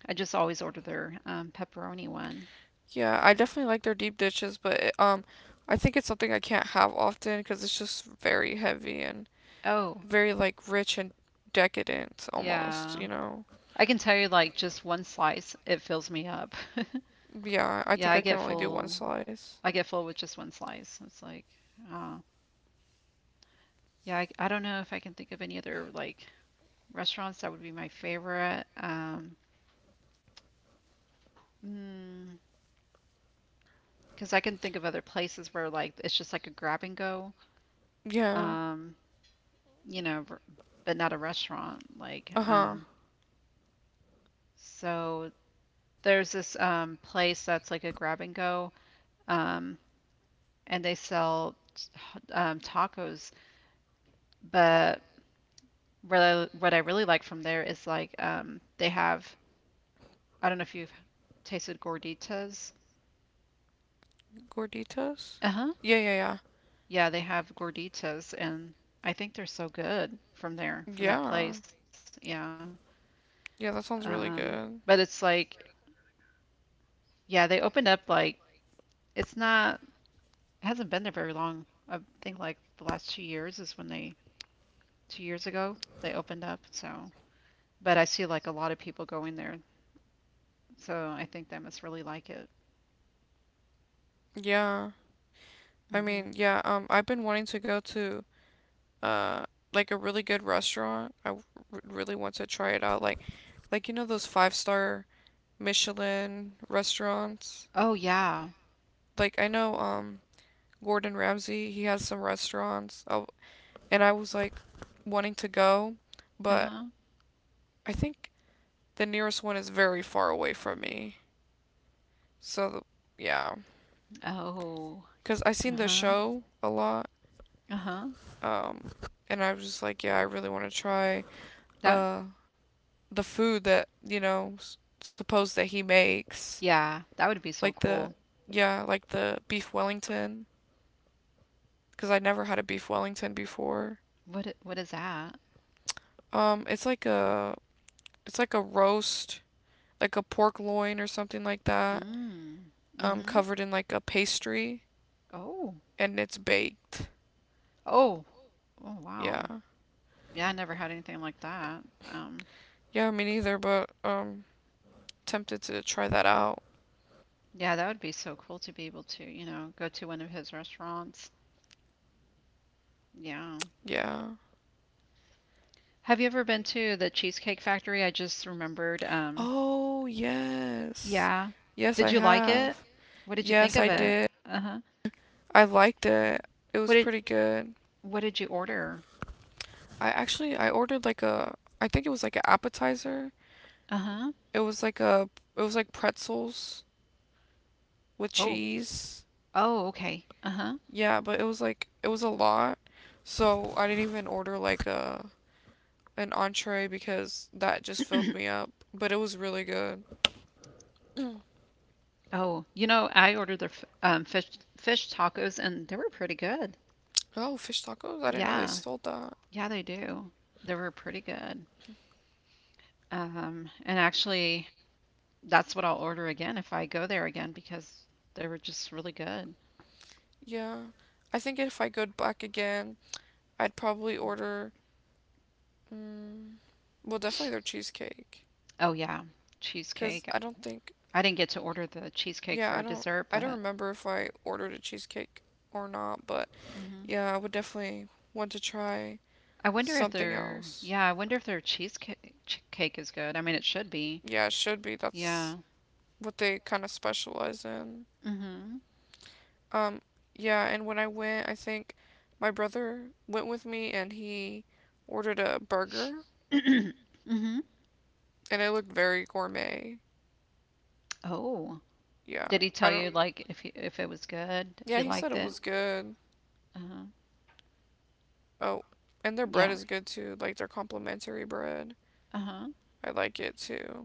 I just always order their pepperoni one.
Yeah, I definitely like their deep dishes, but I think it's something I can't have often cuz it's just very heavy and
Oh,
very like rich and decadent almost,
yeah.
you know.
I can tell you like just one slice, it fills me up. [laughs]
Yeah, I
Yeah,
think
I
I can
get
only do one
full. I
slice.
get full with just one slice. It's like, uh, yeah, I don't know if I can think of any other like restaurants that would be my favorite. Mm, 'Cause I can think of other places where like it's just like a grab and go.
Yeah.
Um, you know, ver- but not a restaurant. Like,
Uh-huh.
so there's this place that's like a grab and go. Um, and they sell tacos, but what I really like from there is like they have, I don't know if you've tasted gorditas.
Gorditas.
Uh-huh.
Yeah, yeah, yeah.
Yeah, they have gorditas, and I think they're so good from there, from that
Yeah.
place. Yeah.
Yeah, that
Um,
sounds really
but it's
good.
like, yeah, they opened up like it's not, it hasn't been there very long. I think like the last 2 years is when they, 2 years ago, they opened up. So, but I see like a lot of people going there. So I think they must really like it.
Yeah. I mean,
Hmm.
yeah, I've been wanting to go to uh like a really good restaurant. I really want to try it out like you know those five-star Michelin restaurants?
Oh, yeah.
Like I know Gordon Ramsay, he has some restaurants. Oh, and I was like wanting to go, but
Uh-huh.
I think the nearest one is very far away from me. So, yeah.
Oh,
Cause I seen the
uh-huh.
show a lot,
Uh-huh.
um, and I was just like, yeah, I really want to try
That
uh the food that suppose that he makes,
Yeah, that would be so
like the
cool.
yeah, like the beef Wellington, cause I never had a beef Wellington before.
What is that?
Um, it's like a it's like a roast, like a pork loin or something like that,
Mm. Mm-hmm.
covered in like a pastry,
Oh.
and it's baked.
Oh. Oh,
Yeah,
wow. Yeah, I never had anything like that.
yeah, me neither, but tempted to try that out.
Yeah, that would be so cool to be able to, you know, go to one of his restaurants. Yeah.
Yeah.
Have you ever been to the Cheesecake Factory? I just remembered.
Oh, yes.
Yeah.
Yes, I
Did you like it?
have.
What did you think
Yes,
of
I
it?
did.
Uh-huh.
I liked it. It
What
was
did
pretty good.
what did you order?
I ordered like a I think it was like an appetizer.
Uh-huh.
It was like a it was like pretzels with
Oh.
cheese.
Oh, okay. Uh-huh.
Yeah, but it was a lot. So I didn't even order like a an entree because that just filled me up. But it was really good. [clears throat]
Oh, I ordered their fish tacos, and they were pretty good.
Oh, fish tacos? I didn't know they
Yeah,
sold that.
yeah, they do. They were pretty good. And actually, that's what I'll order again if I go there again, because they were just really good.
Yeah. I think if I go back again, I'd probably order. Mm, well, definitely their cheesecake,
Oh yeah,
cause
cheesecake.
I don't think.
I didn't get to order the cheesecake
Yeah,
for
I
a
don't.
dessert,
I don't
but
remember if I ordered a cheesecake or not, but
hmm
yeah, I would definitely want to try
I wonder if
something
their
else.
yeah, I wonder if their cheesecake cake is good. I mean, it should be.
Yeah, it should be. That's
Yeah.
what they kind of specialize in.
Hmm.
Um, yeah, and when I went, I think my brother went with me and he ordered a burger,
[clears throat] Hmm.
and it looked very gourmet.
Oh,
Yeah,
did he
I
tell
don't.
you like if it was good, if
Yeah,
you
he said
liked
it
it?
was good.
Uh-huh.
Oh, and their bread
Yeah.
is good too. Like their complimentary bread.
Uh-huh.
I like it too.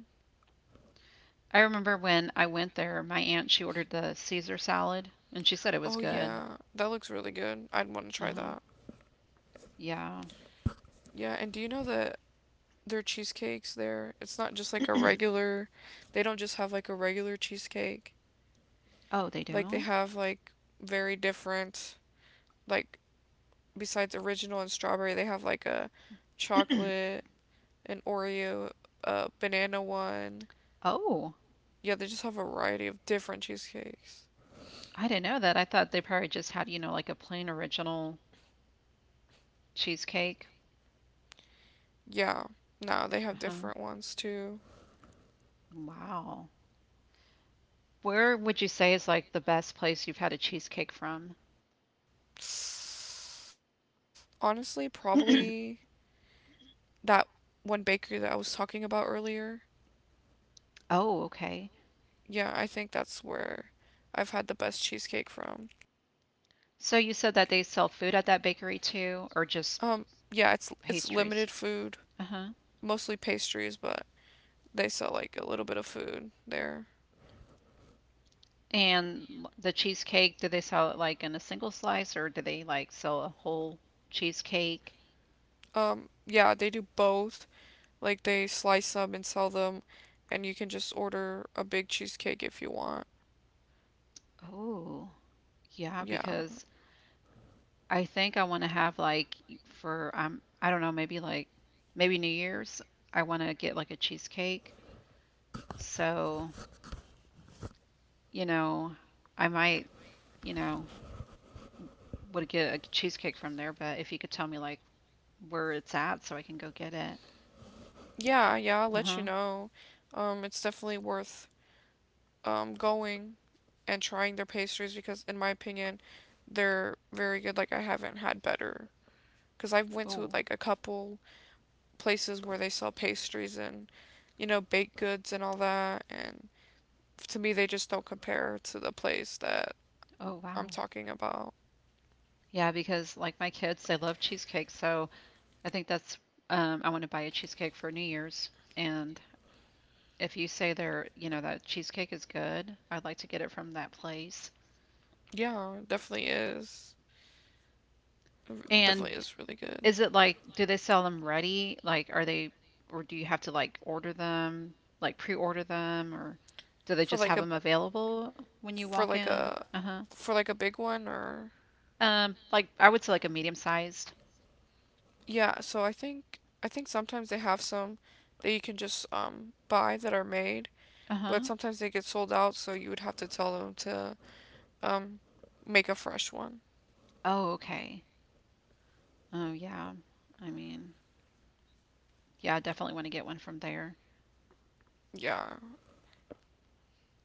I remember when I went there, my aunt, she ordered the Caesar salad and she said it was
Oh
good.
yeah, that looks really good. I'd want to try
Uh-huh.
that.
Yeah.
Yeah, and do you know that their cheesecakes there, it's not just like a
[clears throat]
regular, they don't just have like a regular cheesecake.
Oh, they
Like they
don't?
have like very different, like besides original and strawberry, they have like a
[clears throat]
chocolate, an Oreo, a banana one.
Oh,
Yeah, they just have a variety of different cheesecakes.
I didn't know that. I thought they probably just had, like a plain original cheesecake.
Yeah, no, they have
Uh-huh.
different ones too.
Wow. Where would you say is like the best place you've had a cheesecake from? [clears throat]
Honestly, probably that one bakery that I was talking about earlier.
Oh, okay.
Yeah, I think that's where I've had the best cheesecake from.
So you said that they sell food at that bakery too, or just
Um, yeah, it's
pastries?
limited food,
Uh-huh.
mostly pastries, but they sell like a little bit of food there.
And the cheesecake, do they sell it like in a single slice, or do they like sell a whole cheesecake?
Yeah, they do both. Like they slice them and sell them, and you can just order a big cheesecake if you want.
Oh, yeah,
Yeah.
because I think I want to have, like, for I don't know, maybe like maybe New Year's, I want to get like a cheesecake. So, you know, I might, you know, would get a cheesecake from there, but if you could tell me like where it's at so I can go get it.
Yeah, yeah, I'll let you
Uh-huh.
know. It's definitely worth going and trying their pastries because in my opinion, they're very good. Like I haven't had better because I've went to
Oh,
like a couple places where they sell pastries and baked goods and all that, and to me they just don't compare to the place that
oh
I'm
wow.
talking about.
Yeah, because like my kids, they love cheesecake, so I think that's I want to buy a cheesecake for New Year's. And if you say there, that cheesecake is good, I'd like to get it from that place.
Yeah, definitely is. It
And
definitely is really good
is it like, do they sell them ready? Like are they or do you have to like order them, like pre-order them, or do they
for
just
like
have
a
them available when you walk
for like
in?
a
Uh-huh.
big one or
Like I would say like a medium-sized.
yeah. So I think sometimes they have some that you can just buy that are made, but
Uh-huh.
sometimes they get sold out. So you would have to tell them to um make a fresh one.
Oh, okay. Oh yeah. I mean, yeah, I definitely want to get one from there.
Yeah.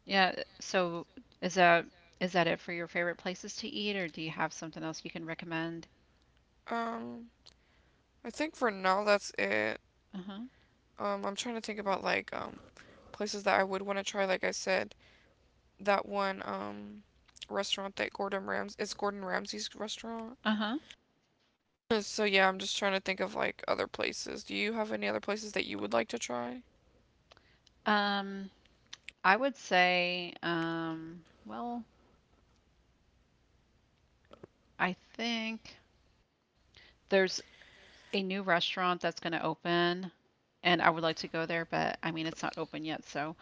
Yeah, so is that is that it for your favorite places to eat, or do you have something else you can recommend?
Um. I think for now that's it.
Uh-huh.
I'm trying to think about places that I would want to try. Like I said, that one restaurant that Gordon Rams it's Gordon Ramsay's restaurant.
Uh-huh.
[laughs] So yeah, I'm just trying to think of like other places. Do you have any other places that you would like to try?
Um, I would say, well, I think there's a new restaurant that's going to open, and I would like to go there, but I mean, it's not open yet, so,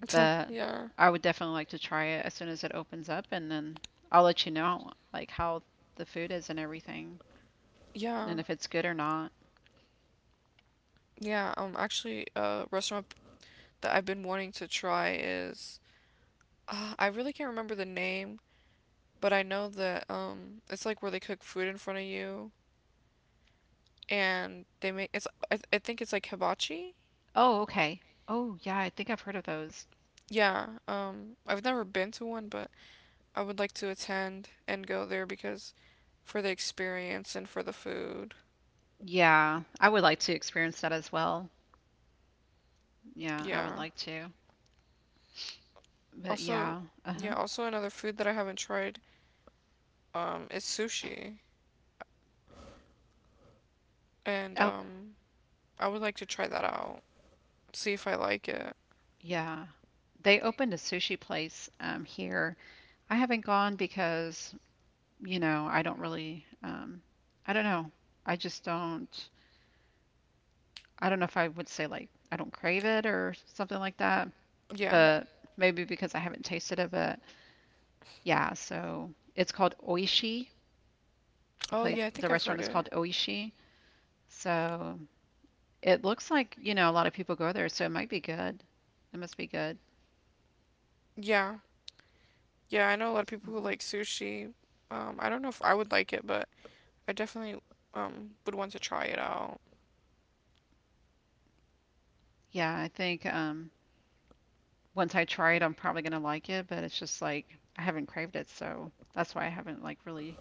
[laughs]
but
Yeah.
I would definitely like to try it as soon as it opens up, and then I'll let you know like how the food is and everything,
Yeah.
and if it's good or not.
Yeah, actually a restaurant that I've been wanting to try is I really can't remember the name, but I know that it's like where they cook food in front of you and they make I think it's like hibachi.
Oh, okay. Oh, yeah, I think I've heard of those.
Yeah, I've never been to one, but I would like to attend and go there because for the experience and for the food.
Yeah, I would like to experience that as well. Yeah, I would
Yeah.
like to. But
Also,
yeah,
yeah,
uh-huh.
also another food that I haven't tried is sushi. And
Oh,
I would like to try that out. See if I like it.
yeah. They opened a sushi place here. I haven't gone because, I don't really I don't know. I just don't I don't know if I would say like I don't crave it or something like that,
Yeah.
but maybe because I haven't tasted it, but yeah, so it's called Oishi.
Oh yeah, I
The
think I've
restaurant
heard
is
it.
called Oishi. So it looks like, a lot of people go there, so it might be good. It must be good.
Yeah. Yeah, I know a lot of people who
Mhm.
like sushi. I don't know if I would like it, but I definitely would want to try it out.
Yeah, I think once I try it, I'm probably gonna like it, but it's just like I haven't craved it, so that's why I haven't like really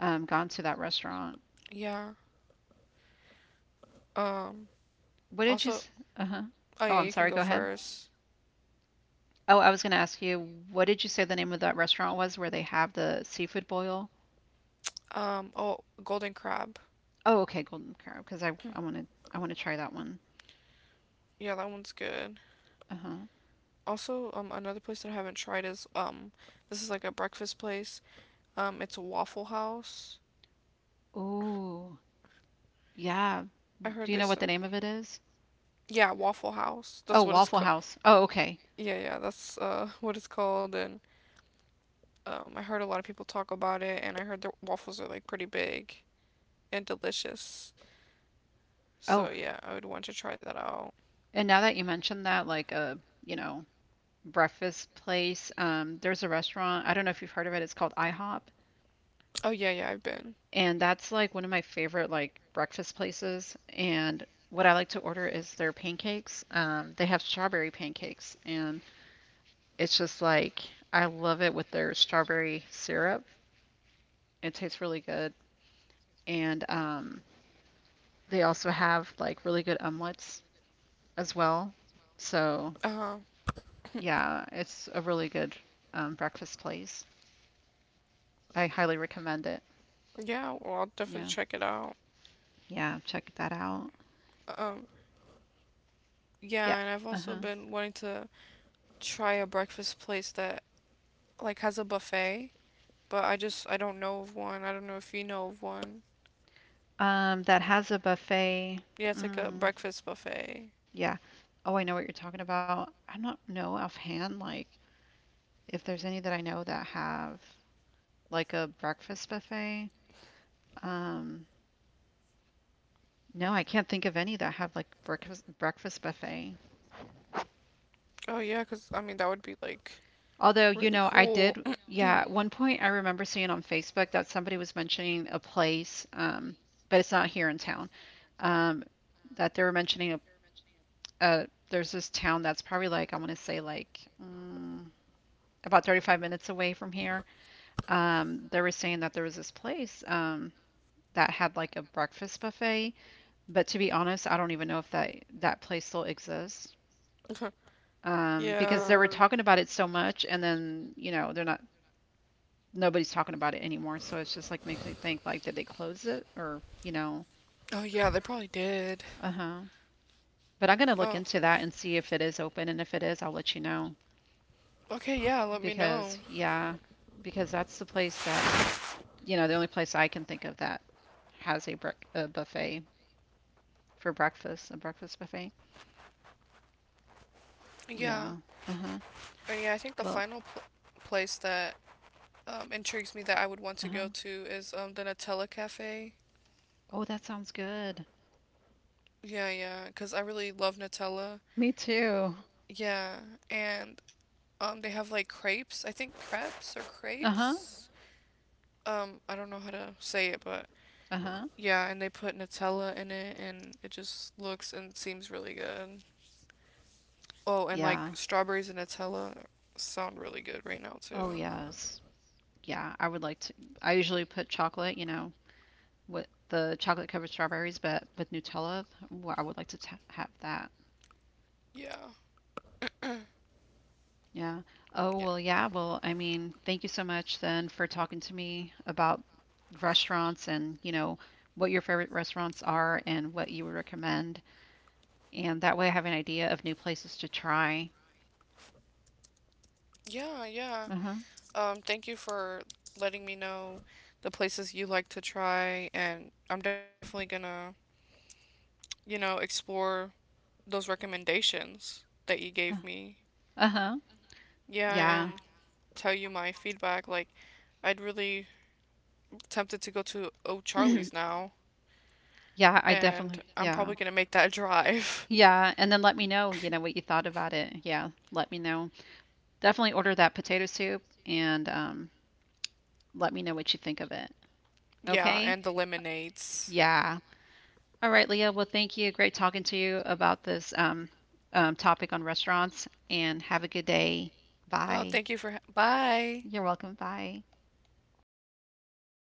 gone to that restaurant.
Yeah. Um
What did you?
also,
Uh-huh.
oh
Oh,
yeah,
I'm
you can
sorry.
go
Go ahead.
first.
Oh, I was gonna ask you, what did you say the name of that restaurant was where they have the seafood boil?
Oh, golden crab.
Oh, okay, Golden Crab, because I want to try that one.
Yeah, that one's good.
Uh-huh.
Also, another place that I haven't tried is this is like a breakfast place. It's Waffle House.
Oh, yeah.
I
Do you
heard
know
they
what the
said.
name of it is?
Yeah, Waffle House.
Oh,
That's what it's
Waffle
called.
House. Oh, okay.
Yeah, yeah, that's [laughs] what it's called. And I heard a lot of people talk about it, and I heard their waffles are like pretty big and delicious.
Oh,
So yeah, I would want to try that out.
and now that you mentioned that, like, a, you know, breakfast place, there's a restaurant. I don't know if you've heard of it. It's called IHOP,
Oh yeah, yeah, I've been.
and that's like one of my favorite like breakfast places. And what I like to order is their pancakes. They have strawberry pancakes, and it's just like I love it with their strawberry syrup. It tastes really good, and they also have like really good omelets as well. So.
Uh
Yeah, it's a really good breakfast place. I highly recommend it.
yeah, well I'll definitely
Yeah.
check it out.
Yeah, check that out.
Um
Yeah.
yeah, and I've also
Uh-huh.
been wanting to try a breakfast place that like has a buffet, but I don't know of one. I don't know if you know of one.
That has a buffet.
Yeah, it's like a
Mm,
breakfast buffet.
yeah. Oh, I know what you're talking about. I don't know offhand, like if there's any that I know that have like a breakfast buffet. Um, no, I can't think of any that have like breakfast buffet.
Oh yeah, cause I mean that would be like really
Although,
cool.
I
[clears throat]
did, yeah, at one point I remember seeing on Facebook that somebody was mentioning a place, but it's not here in town, um, that they were there's this town that's probably like, I want to say like about 35 minutes away from here. They were saying that there was this place, that had like a breakfast buffet, but to be honest, I don't even know if that place still exists. Because
Yeah.
they were talking about it so much, and then they're not nobody's talking about it anymore. So it's just like, makes me think like, did they close it, or, you know.
Oh yeah, they probably did.
Uh huh. But I'm gonna look
Oh.
into that and see if it is open, and if it is, I'll let you know,
Okay, yeah, let me know.
because yeah, because that's the place that the only place I can think of that has a buffet for breakfast, a breakfast buffet.
Yeah.
Yeah. Uh huh.
Yeah, I think the
Well.
final place that intrigues me that I would want
Uh
to
huh.
go to is the Nutella Cafe.
Oh, that sounds good.
Yeah, yeah, because I really love Nutella.
Me too.
Yeah, and they have like crepes. I think crepes or
Uh huh.
crepes. I don't know how to say it, but
Uh huh.
yeah, and they put Nutella in it, and it just looks and seems really good. Oh, and like
Yeah.
strawberries and Nutella sound really good right now too.
Oh yes. Yeah. I would like to. I usually put chocolate, with the chocolate covered strawberries, but with Nutella. Ooh, I would like to have that.
Yeah,
Yeah. Oh,
yeah,
well, yeah. Well, I mean, thank you so much then for talking to me about restaurants and, what your favorite restaurants are and what you would recommend. And that way I have an idea of new places to try.
yeah, yeah.
Uh-huh.
Thank you for letting me know the places you like to try, and I'm definitely gonna explore those recommendations that you
Uh,
gave me.
uh-huh.
Yeah,
Yeah.
and tell you my feedback. Like, I'd really tempted to go to O'Charlie's
[clears throat]
now,
Yeah, I
and
definitely.
I'm
Yeah.
probably gonna make that drive.
Yeah, and then let me know, what you thought about it. Yeah, let me know. Definitely order that potato soup and let me know what you think of it.
[laughs] Yeah,
Okay?
and the lemonades.
Yeah. All right, Leah. Well, thank you. Great talking to you about this topic on restaurants. And have a good day.
Oh,
Bye.
thank you for. Ha- Bye.
You're welcome. Bye.